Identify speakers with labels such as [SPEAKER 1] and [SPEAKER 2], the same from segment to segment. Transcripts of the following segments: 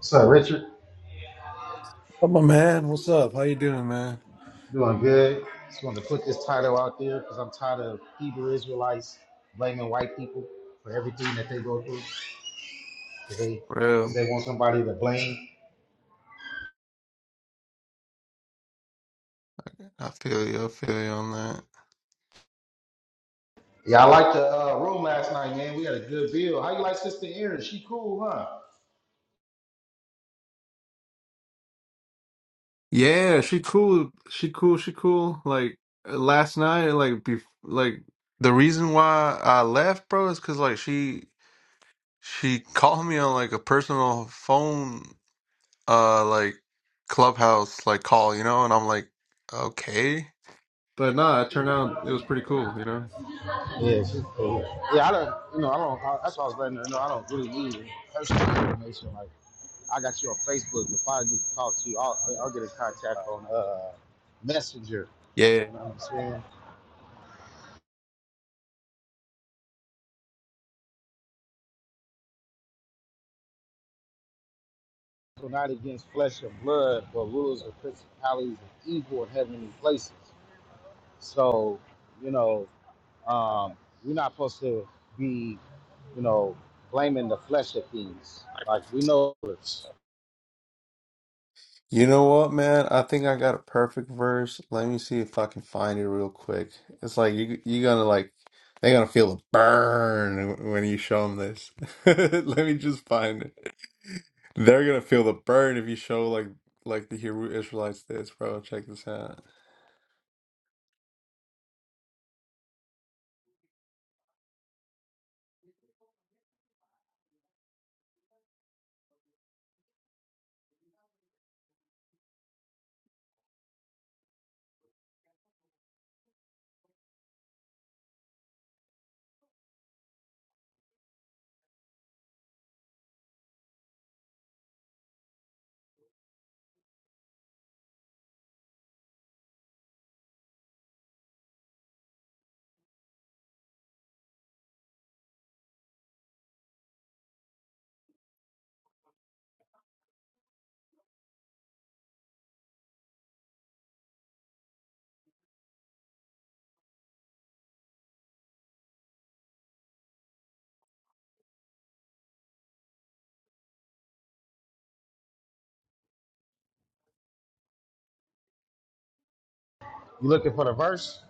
[SPEAKER 1] So, Richard,
[SPEAKER 2] Up, my man. What's up? How you doing, man?
[SPEAKER 1] doing good. Just wanted to put this title out there because I'm tired of Hebrew Israelites blaming white people for everything that they go through because they, cause
[SPEAKER 2] Real.
[SPEAKER 1] they want somebody to blame.
[SPEAKER 2] I feel you. I feel you on that.
[SPEAKER 1] Yeah, I liked the uh, room last night, man. We had a good bill. How you like Sister Erin? She cool, huh?
[SPEAKER 2] Yeah, she cool. She cool. She cool. Like uh, last night, like be like the reason why I left, bro, is because like she she called me on like a personal phone, uh, like clubhouse like call, you know, and I'm like, okay, but nah, it turned out it was pretty cool, you know.
[SPEAKER 1] Yeah, she's cool. Yeah, I don't, you know, I don't, I, that's why I was letting her know I don't really need personal information. Like, I got you on Facebook. If I need to talk to you, I'll, I'll get in contact on uh, Messenger. You know what I'm saying? wrestle not against flesh and blood, but rulers of principalities and evil in heavenly places. So, you know, um, we're not supposed to be, you know, blaming the flesh of things. Like we know it's
[SPEAKER 2] You know what, man? I think I got a perfect verse. Let me see if I can find it real quick. It's like you you're gonna like they're gonna feel a burn when you show them this. Let me just find it. They're gonna feel the burn if you show like like the Hebrew Israelites this, bro. Check this out.
[SPEAKER 1] You looking for the verse?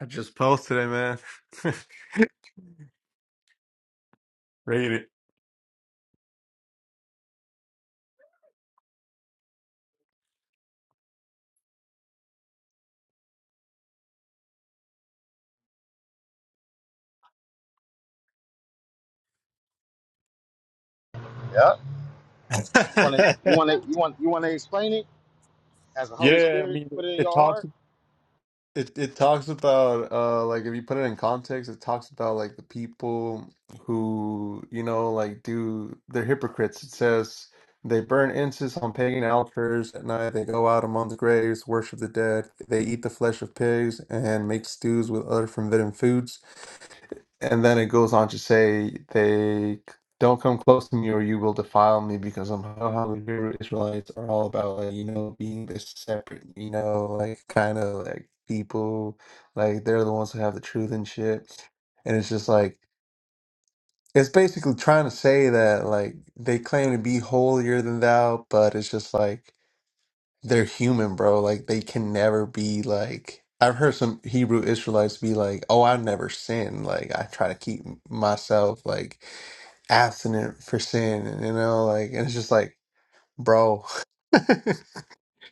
[SPEAKER 2] I just posted it, man. Read
[SPEAKER 1] Yeah. You want to? You
[SPEAKER 2] it.
[SPEAKER 1] want to? You want? You want to explain it as the Holy
[SPEAKER 2] yeah, I
[SPEAKER 1] Spirit
[SPEAKER 2] mean,
[SPEAKER 1] put it in
[SPEAKER 2] it
[SPEAKER 1] your
[SPEAKER 2] talks.
[SPEAKER 1] heart?
[SPEAKER 2] It it talks about uh like if you put it in context, it talks about like the people who, you know, like do they're hypocrites. It says they burn incense on pagan altars at night, they go out among the graves, worship the dead, they eat the flesh of pigs and make stews with other forbidden foods. And then it goes on to say they don't come close to me, or you will defile me, because I'm how how the Hebrew Israelites are all about, like, you know, being this separate, you know, like kind of like people, like they're the ones who have the truth and shit. And it's just like it's basically trying to say that like they claim to be holier than thou, but it's just like they're human, bro. Like they can never be like I've heard some Hebrew Israelites be like, "Oh, I never sin. Like I try to keep myself like." abstinent for sin, and you know, like, and it's just like, bro,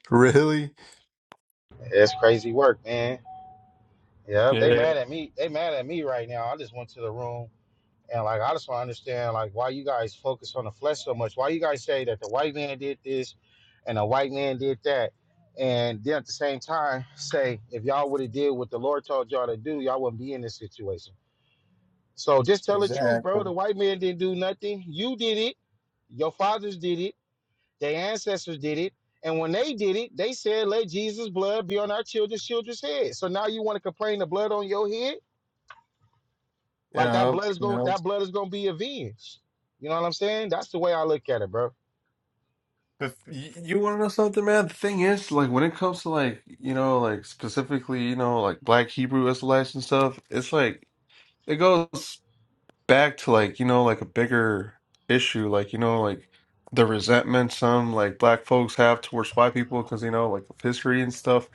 [SPEAKER 2] really?
[SPEAKER 1] It's crazy work, man. Yeah. They
[SPEAKER 2] Yeah,
[SPEAKER 1] mad at me. They mad at me right now. I just went to the room And like I just want to understand like why you guys focus on the flesh so much. Why you guys say that the white man did this and the white man did that. And then at the same time say if y'all would have did what the Lord told y'all to do, y'all wouldn't be in this situation. So just tell the truth,
[SPEAKER 2] Exactly.
[SPEAKER 1] bro. The white man didn't do nothing. You did it. Your fathers did it. Their ancestors did it. And when they did it, they said, let Jesus' blood be on our children's children's head. So now you want to complain the blood on your head? Like that
[SPEAKER 2] Yeah,
[SPEAKER 1] blood is
[SPEAKER 2] you
[SPEAKER 1] going
[SPEAKER 2] know.
[SPEAKER 1] that blood is gonna be avenged. You know what I'm saying? That's the way I look at it, bro.
[SPEAKER 2] If you, you want to know something, man, the thing is, like, when it comes to like, you know, like specifically, you know, like Black Hebrew Israelites and stuff, it's like it goes. back to like, you know, like a bigger issue, like, you know, like the resentment some like black folks have towards white people because, you know, like of history and stuff.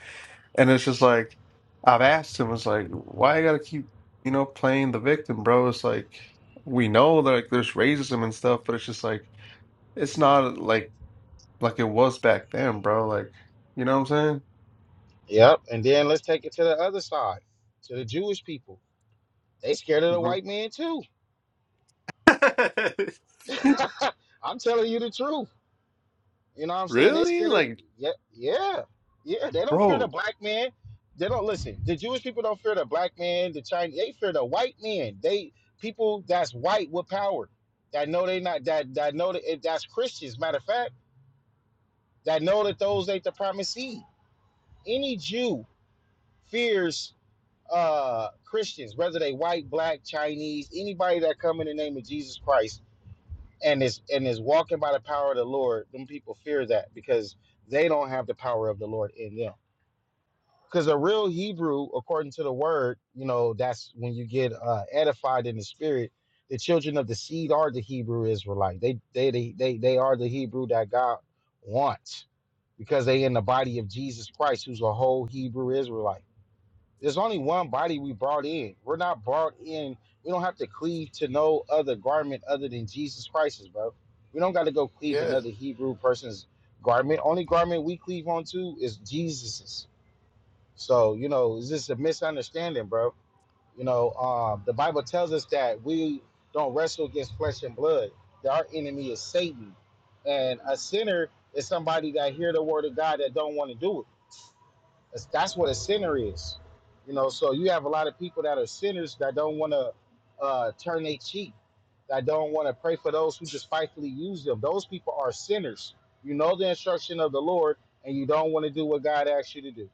[SPEAKER 2] And it's just like, I've asked him, it's like, why you gotta keep, you know, playing the victim, bro? It's like, we know that like there's racism and stuff, but it's just like, it's not like, like it was back then, bro. Like, you know what I'm
[SPEAKER 1] Yep. And then let's take it to the other side, to the Jewish people. They scared of the white man too.
[SPEAKER 2] saying? hmm
[SPEAKER 1] I'm telling you the truth. You know what I'm saying? They
[SPEAKER 2] Really?
[SPEAKER 1] scared of
[SPEAKER 2] Like,
[SPEAKER 1] yeah, yeah. Yeah. They don't fear the
[SPEAKER 2] bro,
[SPEAKER 1] black man. They don't listen. The Jewish people don't fear the black man, the Chinese they fear the white man. They people that's white with power. That know they not that that know that that's Christians, matter of fact, that know that those ain't the promised seed. any Jew fears uh, Christians, whether they white, black, Chinese, anybody that come in the name of Jesus Christ and is and is walking by the power of the Lord, them people fear that because they don't have the power of the Lord in them. Because a real Hebrew, according to the word, you know, that's when you get uh, edified in the spirit. The children of the seed are the Hebrew Israelite. They they they they, they are the Hebrew that God wants because they in the body of Jesus Christ, who's a whole Hebrew Israelite. There's only one body we brought in. We're not brought in. We don't have to cleave to no other garment other than Jesus Christ's, bro. We don't got to go cleave
[SPEAKER 2] Yeah.
[SPEAKER 1] another Hebrew person's garment. Only garment we cleave onto is Jesus's. So you know, it's just a misunderstanding, bro. You know, um, the Bible tells us that we don't wrestle against flesh and blood. That our enemy is Satan, and a sinner is somebody that hear the word of God that don't want to do it. That's, that's what a sinner is. You know, so you have a lot of people that are sinners that don't want to uh, turn their cheek, that don't want to pray for those who despitefully use them. Those people are sinners. You know the instruction of the Lord, and you don't want to do what God asks you to do.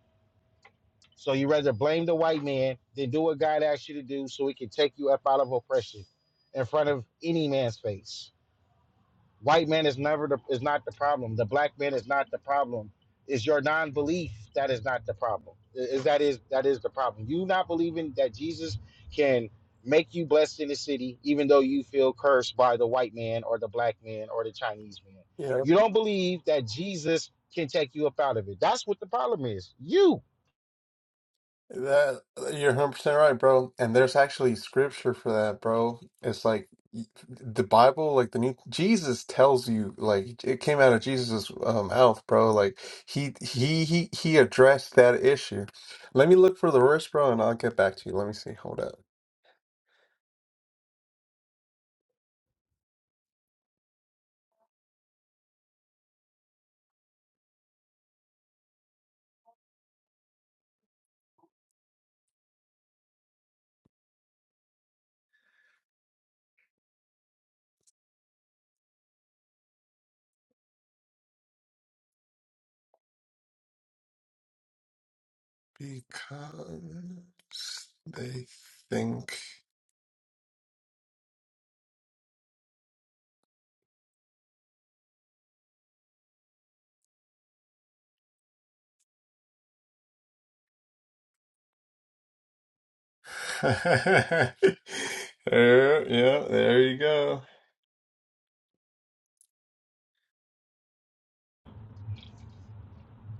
[SPEAKER 1] So you rather blame the white man than do what God asks you to do so he can take you up out of oppression in front of any man's face. White man is never the, is not the problem. The black man is not the problem. It's your non-belief that is not the problem. Is that is that is the problem. You not believing that Jesus can make you blessed in the city, even though you feel cursed by the white man or the black man or the Chinese man.
[SPEAKER 2] Yeah.
[SPEAKER 1] You don't believe that Jesus can take you up out of it. That's what the problem is. You.
[SPEAKER 2] That you're 100% right, bro. And there's actually scripture for that, bro. It's like the Bible, like the new Jesus tells you, like it came out of Jesus's um, mouth, bro. Like he he he he addressed that issue. Let me look for the verse, bro, and I'll get back to you. Let me see. Hold up. Because they think. there, yeah, there you go.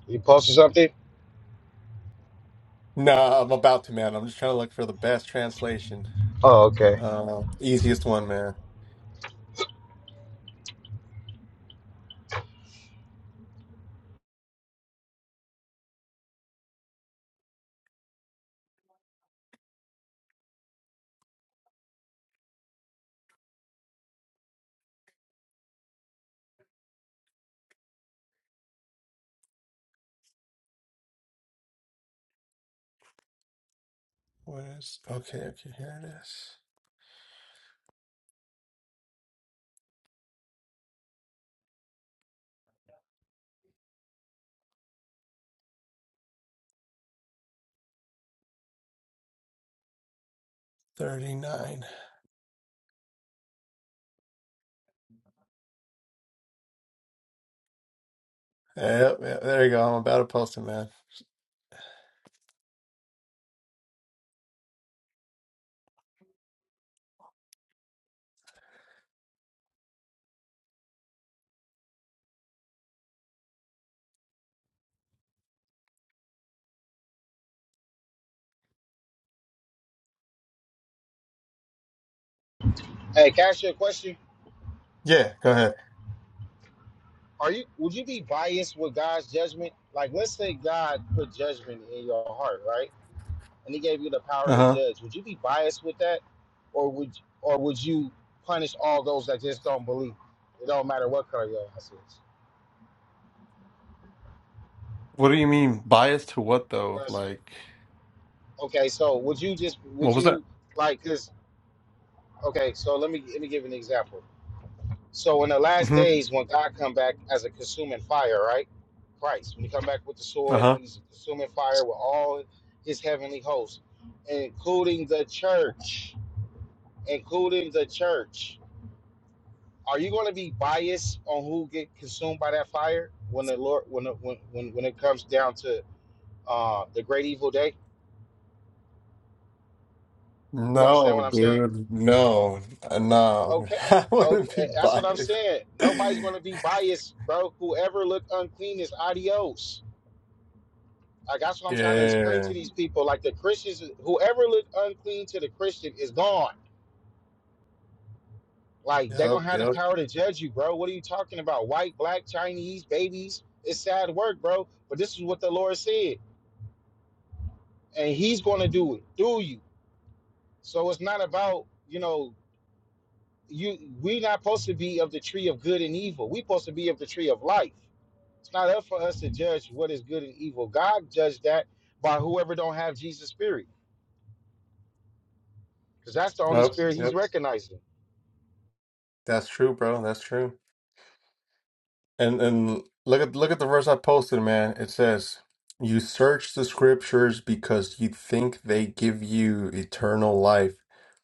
[SPEAKER 1] You posted something?
[SPEAKER 2] Nah, I'm about to, man. I'm just trying to look for the best translation.
[SPEAKER 1] Oh, okay.
[SPEAKER 2] Uh, easiest one, man. Where's okay, okay, here it is. 39. Yep, yep, there you go. I'm about to post it, man.
[SPEAKER 1] Hey, can I ask you a question?
[SPEAKER 2] Yeah, go ahead.
[SPEAKER 1] Are you would you be biased with God's judgment? Like let's say God put judgment in your heart, right? and he gave you the power to
[SPEAKER 2] Uh-huh.
[SPEAKER 1] judge, would you be biased with that, or would or would you punish all those that just don't believe? It don't matter what color your ass is.
[SPEAKER 2] What do you mean biased to what though?
[SPEAKER 1] That's
[SPEAKER 2] Like
[SPEAKER 1] okay. So would you just
[SPEAKER 2] what
[SPEAKER 1] would
[SPEAKER 2] was that?
[SPEAKER 1] you like this? Okay, so let me let me give an example. So in the last
[SPEAKER 2] hmm
[SPEAKER 1] days, when God come back as a consuming fire, right? Christ, when he come back with the sword,
[SPEAKER 2] Uh-huh.
[SPEAKER 1] he's consuming fire with all his heavenly hosts, including the church, including the church are you going to be biased on who get consumed by that fire when the Lord when the, when, when when it comes down to uh, the great evil day? You understand
[SPEAKER 2] No,
[SPEAKER 1] what I'm saying?
[SPEAKER 2] dude. No. Uh, No.
[SPEAKER 1] Okay,
[SPEAKER 2] I
[SPEAKER 1] okay,
[SPEAKER 2] wouldn't be
[SPEAKER 1] that's what I'm
[SPEAKER 2] biased.
[SPEAKER 1] saying. Nobody's going to be biased, bro. Whoever look unclean is adios. Like that's what I'm trying to explain
[SPEAKER 2] Yeah.
[SPEAKER 1] to these people. Like the Christians, whoever look unclean to the Christian is gone. Like they're
[SPEAKER 2] Yep,
[SPEAKER 1] gonna have the
[SPEAKER 2] yep.
[SPEAKER 1] power to judge you, bro. What are you talking about? White, black, Chinese, babies. It's sad work, bro. But this is what the Lord said. and he's going to do it through you. So it's not about you know you. we not supposed to be of the tree of good and evil. we supposed to be of the tree of life. It's not up for us to judge what is good and evil. God judged that by whoever don't have Jesus' spirit, because that's the only
[SPEAKER 2] Yep,
[SPEAKER 1] spirit He's
[SPEAKER 2] yep.
[SPEAKER 1] recognizing.
[SPEAKER 2] That's true, bro. That's true. And and look at look at the verse I posted, man. It says, "You search the scriptures because you think they give you eternal life,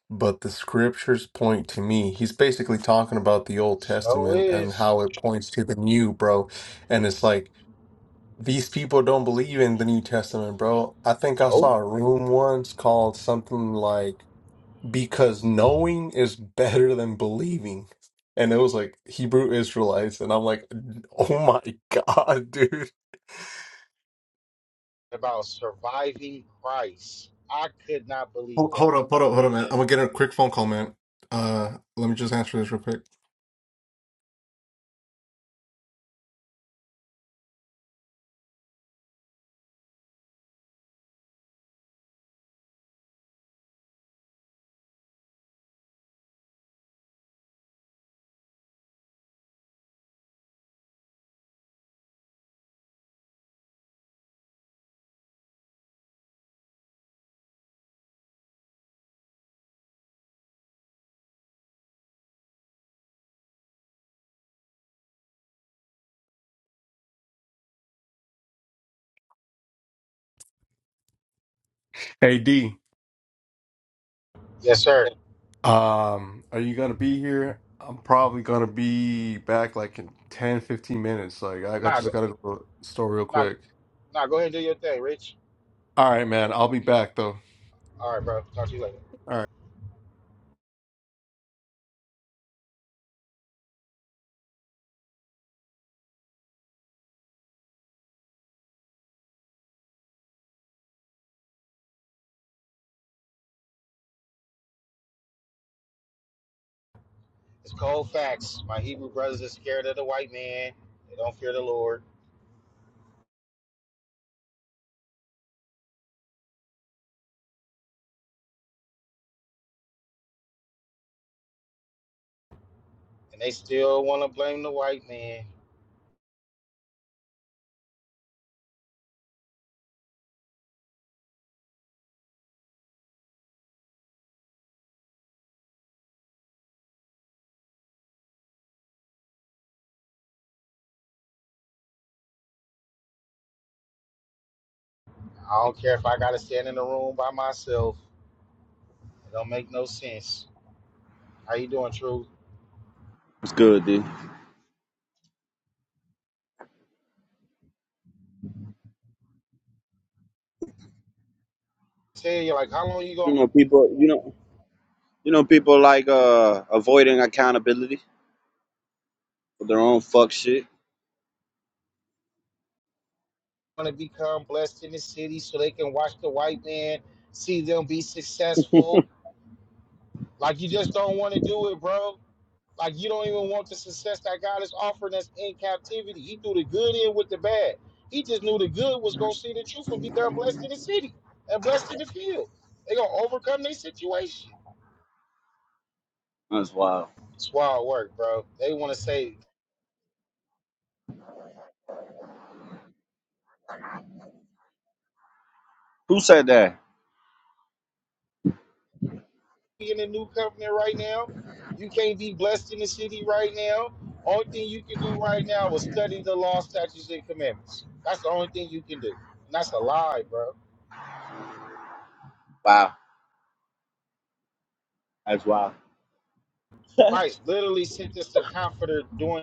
[SPEAKER 2] but the scriptures point to me." He's basically talking about the Old
[SPEAKER 1] So
[SPEAKER 2] Testament and
[SPEAKER 1] is
[SPEAKER 2] how it points to the new, bro. And it's like these people don't believe in the New Testament, bro. I think I
[SPEAKER 1] oh
[SPEAKER 2] saw a room once called something like because knowing is better than believing. And it was like Hebrew Israelites, and I'm like, oh my God, dude.
[SPEAKER 1] about surviving Christ. I could not believe
[SPEAKER 2] Hold,
[SPEAKER 1] that.
[SPEAKER 2] hold up, hold up, hold up, man. I'm gonna get a quick phone call, man. Uh, let me just answer this real quick. Hey D,
[SPEAKER 1] Yes, sir.
[SPEAKER 2] um, are you gonna be here? I'm probably gonna be back like in 10, 15 minutes. Like I, I
[SPEAKER 1] Nah, go,
[SPEAKER 2] just gotta go to the store real
[SPEAKER 1] nah,
[SPEAKER 2] quick.
[SPEAKER 1] nah. Go ahead and do your thing, Rich.
[SPEAKER 2] All right, man. I'll be back though. All
[SPEAKER 1] All right, bro. Talk to you later.
[SPEAKER 2] right.
[SPEAKER 1] It's cold facts. My Hebrew brothers are scared of the white man. They don't fear the Lord. And they still want to blame the white man. I don't care if I got to stand in the room by myself. It don't make no sense. How you doing, Truth?
[SPEAKER 3] It's good, dude.
[SPEAKER 1] Tell you, like, how long you
[SPEAKER 3] You
[SPEAKER 1] going
[SPEAKER 3] know, people. You know, you know, people like uh avoiding accountability for their own fuck shit.
[SPEAKER 1] to become blessed in the city so they can watch the white man, see them be successful? Like, you just don't want to do it, bro. Like you don't even want the success that God is offering us in captivity. He threw the good in with the bad. He just knew the good was gonna see the truth and become blessed in the city and blessed in the field. They gonna overcome their situation.
[SPEAKER 3] That's wild.
[SPEAKER 1] It's wild work, bro. They wanna say
[SPEAKER 3] Who said that?
[SPEAKER 1] "We in the new covenant right now. You can't be blessed in the city right now. Only thing you can do right now is study the law, statutes, and commandments. That's the only thing you can do. And that's a lie, bro.
[SPEAKER 3] Wow, that's wild.
[SPEAKER 1] Christ literally sent us the comforter during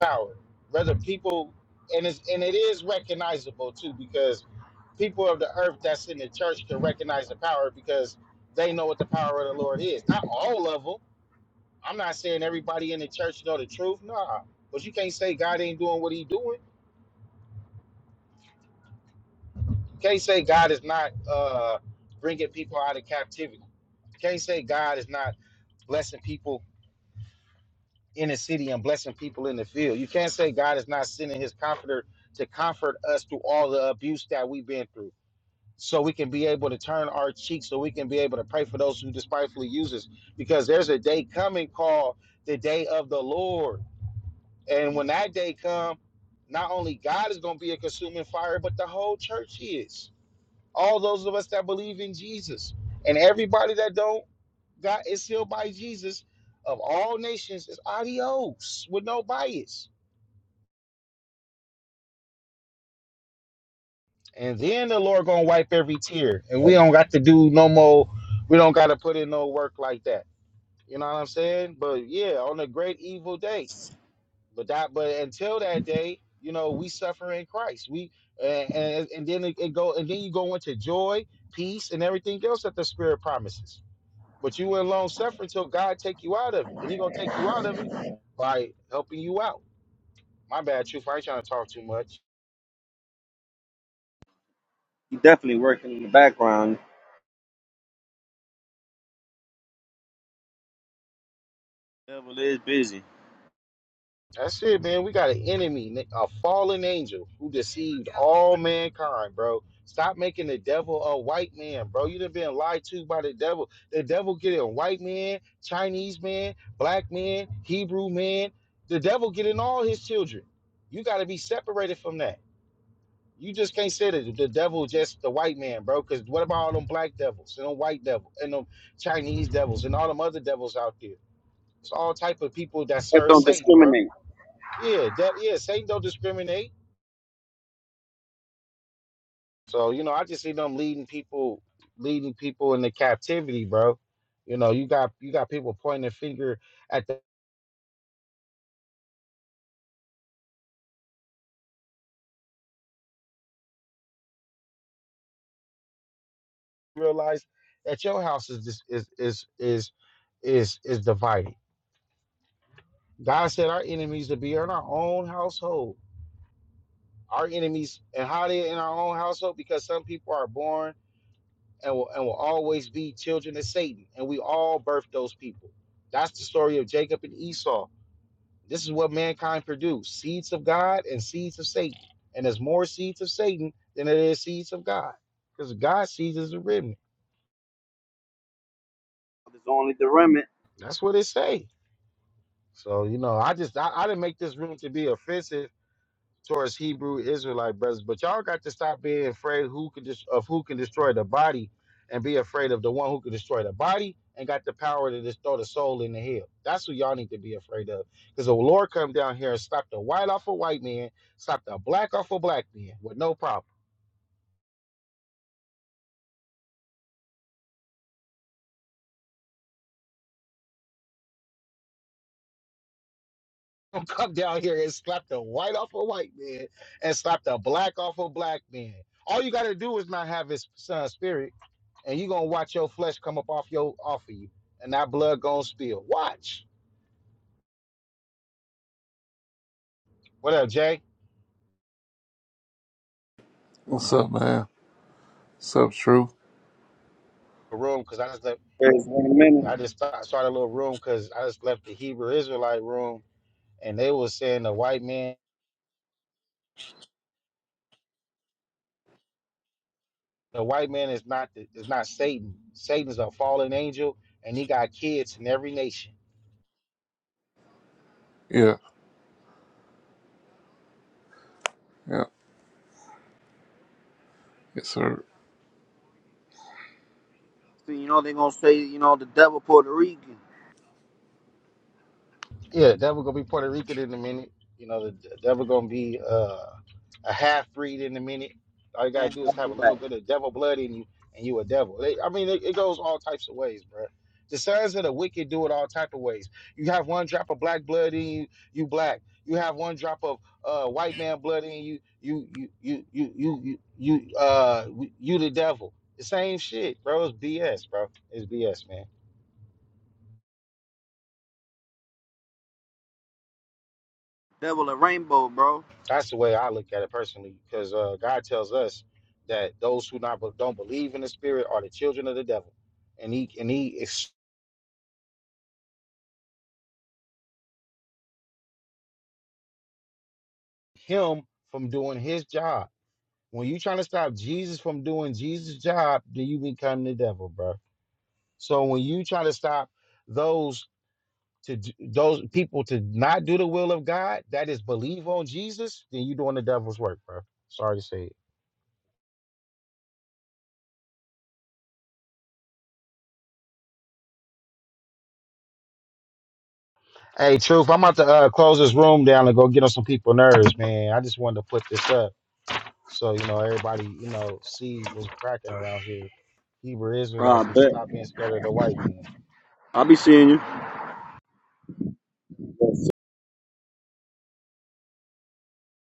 [SPEAKER 1] power. Whether people and it's and it is recognizable too because people of the earth that's in the church can recognize the power because they know what the power of the Lord is. Not all of them. I'm not saying everybody in the church know the truth. Nah, but you can't say God ain't doing what He doing. You can't say God is not uh, bringing people out of captivity. You can't say God is not blessing people in the city and blessing people in the field. You can't say God is not sending His Comforter to comfort us through all the abuse that we've been through. so we can be able to turn our cheek, so we can be able to pray for those who despitefully use us. Because there's a day coming called the day of the Lord. And when that day come, not only God is going to be a consuming fire, but the whole church is. All those of us that believe in Jesus. And everybody that don't, God is sealed by Jesus of all nations is adios with no bias. And then the Lord gonna wipe every tear. And we don't got to do no more, we don't gotta put in no work like that You know what I'm saying? But yeah, on a great evil day. But that, but until that day, you know, we suffer in Christ. We and and, and then it, it go and then you go into joy, peace, and everything else that the Spirit promises. But you will long suffer until God take you out of it, and He gonna take you out of it by helping you out. My bad, truth. I ain't trying to talk too much.
[SPEAKER 3] He definitely working in the background. Devil is busy.
[SPEAKER 1] That's it, man. We got an enemy, a fallen angel who deceived all mankind, bro. Stop making the devil a white man, bro. You done been lied to by the devil. The devil get in white man, Chinese man, black man, Hebrew man. The devil get in all his children. You got to be separated from that. You just can't say that the devil just the white man, bro. Because what about all them black devils and them white devils and them Chinese devils and all them other devils out there? It's all type of people that
[SPEAKER 3] They
[SPEAKER 1] serve
[SPEAKER 3] don't
[SPEAKER 1] Satan, bro.
[SPEAKER 3] discriminate.
[SPEAKER 1] Yeah, that yeah, Satan don't discriminate. So, you know, I just see them leading people leading people into captivity, bro. You know, you got you got people pointing a finger at the realize that your house is dis- is is is is is divided. God said our enemies to be in our own household. Our enemies and how they in our own household because some people are born and will and will always be children of Satan, and we all birth those people. That's the story of Jacob and Esau This is what mankind produced seeds of God and seeds of Satan. And there's more seeds of Satan than there is seeds of God. Because God's seeds is a remnant.
[SPEAKER 3] There's only the remnant.
[SPEAKER 1] That's what it say. So, you know, I just I, I didn't make this room to be offensive towards Hebrew Israelite brothers, but y'all got to stop being afraid who can dis- of who can destroy the body and be afraid of the one who can destroy the body and got the power to just throw the soul in the hell. That's who y'all need to be afraid of. Because the Lord come down here and stop the white off a white man, stop the black off a black man with no problem. Don't come down here and slap the white off a white man and slap the black off a black man. All you gotta do is not have his son spirit. and you're gonna watch your flesh come up off your off of you, and that blood gonna spill. Watch. What up, Jay?
[SPEAKER 4] What's up, man? What's up, True?
[SPEAKER 1] A room, because I just left.
[SPEAKER 3] There's one minute.
[SPEAKER 1] I just sta- started a little room because I just left the Hebrew Israelite room, and they was saying the white man, the white man is not is not Satan. Satan's a fallen angel, and he got kids in every nation.
[SPEAKER 4] Yeah, yeah, yes, sir.
[SPEAKER 3] See, you know they gonna say, you know, the devil Puerto Rican.
[SPEAKER 1] Yeah, devil gonna be Puerto Rican in a minute. You know, the the devil gonna be uh, a half breed in a minute. All you gotta
[SPEAKER 3] Stand
[SPEAKER 1] do is
[SPEAKER 3] up
[SPEAKER 1] have a
[SPEAKER 3] to
[SPEAKER 1] little
[SPEAKER 3] that.
[SPEAKER 1] bit of devil blood in you, and you a devil. They, I mean, it, it goes all types of ways, bro. The sons of the wicked do it all type of ways. You have one drop of black blood in you, you black. You have one drop of uh, white man blood in you, you you you you you you you uh you the devil. The same shit, bro. It's BS, bro. It's BS, man.
[SPEAKER 3] Devil a rainbow, bro.
[SPEAKER 1] That's the way I look at it personally, because uh, God tells us that those who not don't believe in the Spirit are the children of the devil, and he and he is him from doing his job. When you trying to stop Jesus from doing Jesus' job, then you become the devil, bro. So when you try to stop those to d- those people to not do the will of God, that is believe on Jesus, then you doing the devil's work, bro. Sorry to say it. Hey, Truth, I'm about to uh, close this room down and go get on some people nerves, man. I just wanted to put this up. So, you know, everybody, you know, sees what's cracking around here. Hebrew
[SPEAKER 3] Ah,
[SPEAKER 1] Israelites need to
[SPEAKER 3] bet.
[SPEAKER 1] stop being scared of the white man.
[SPEAKER 3] I'll be seeing you.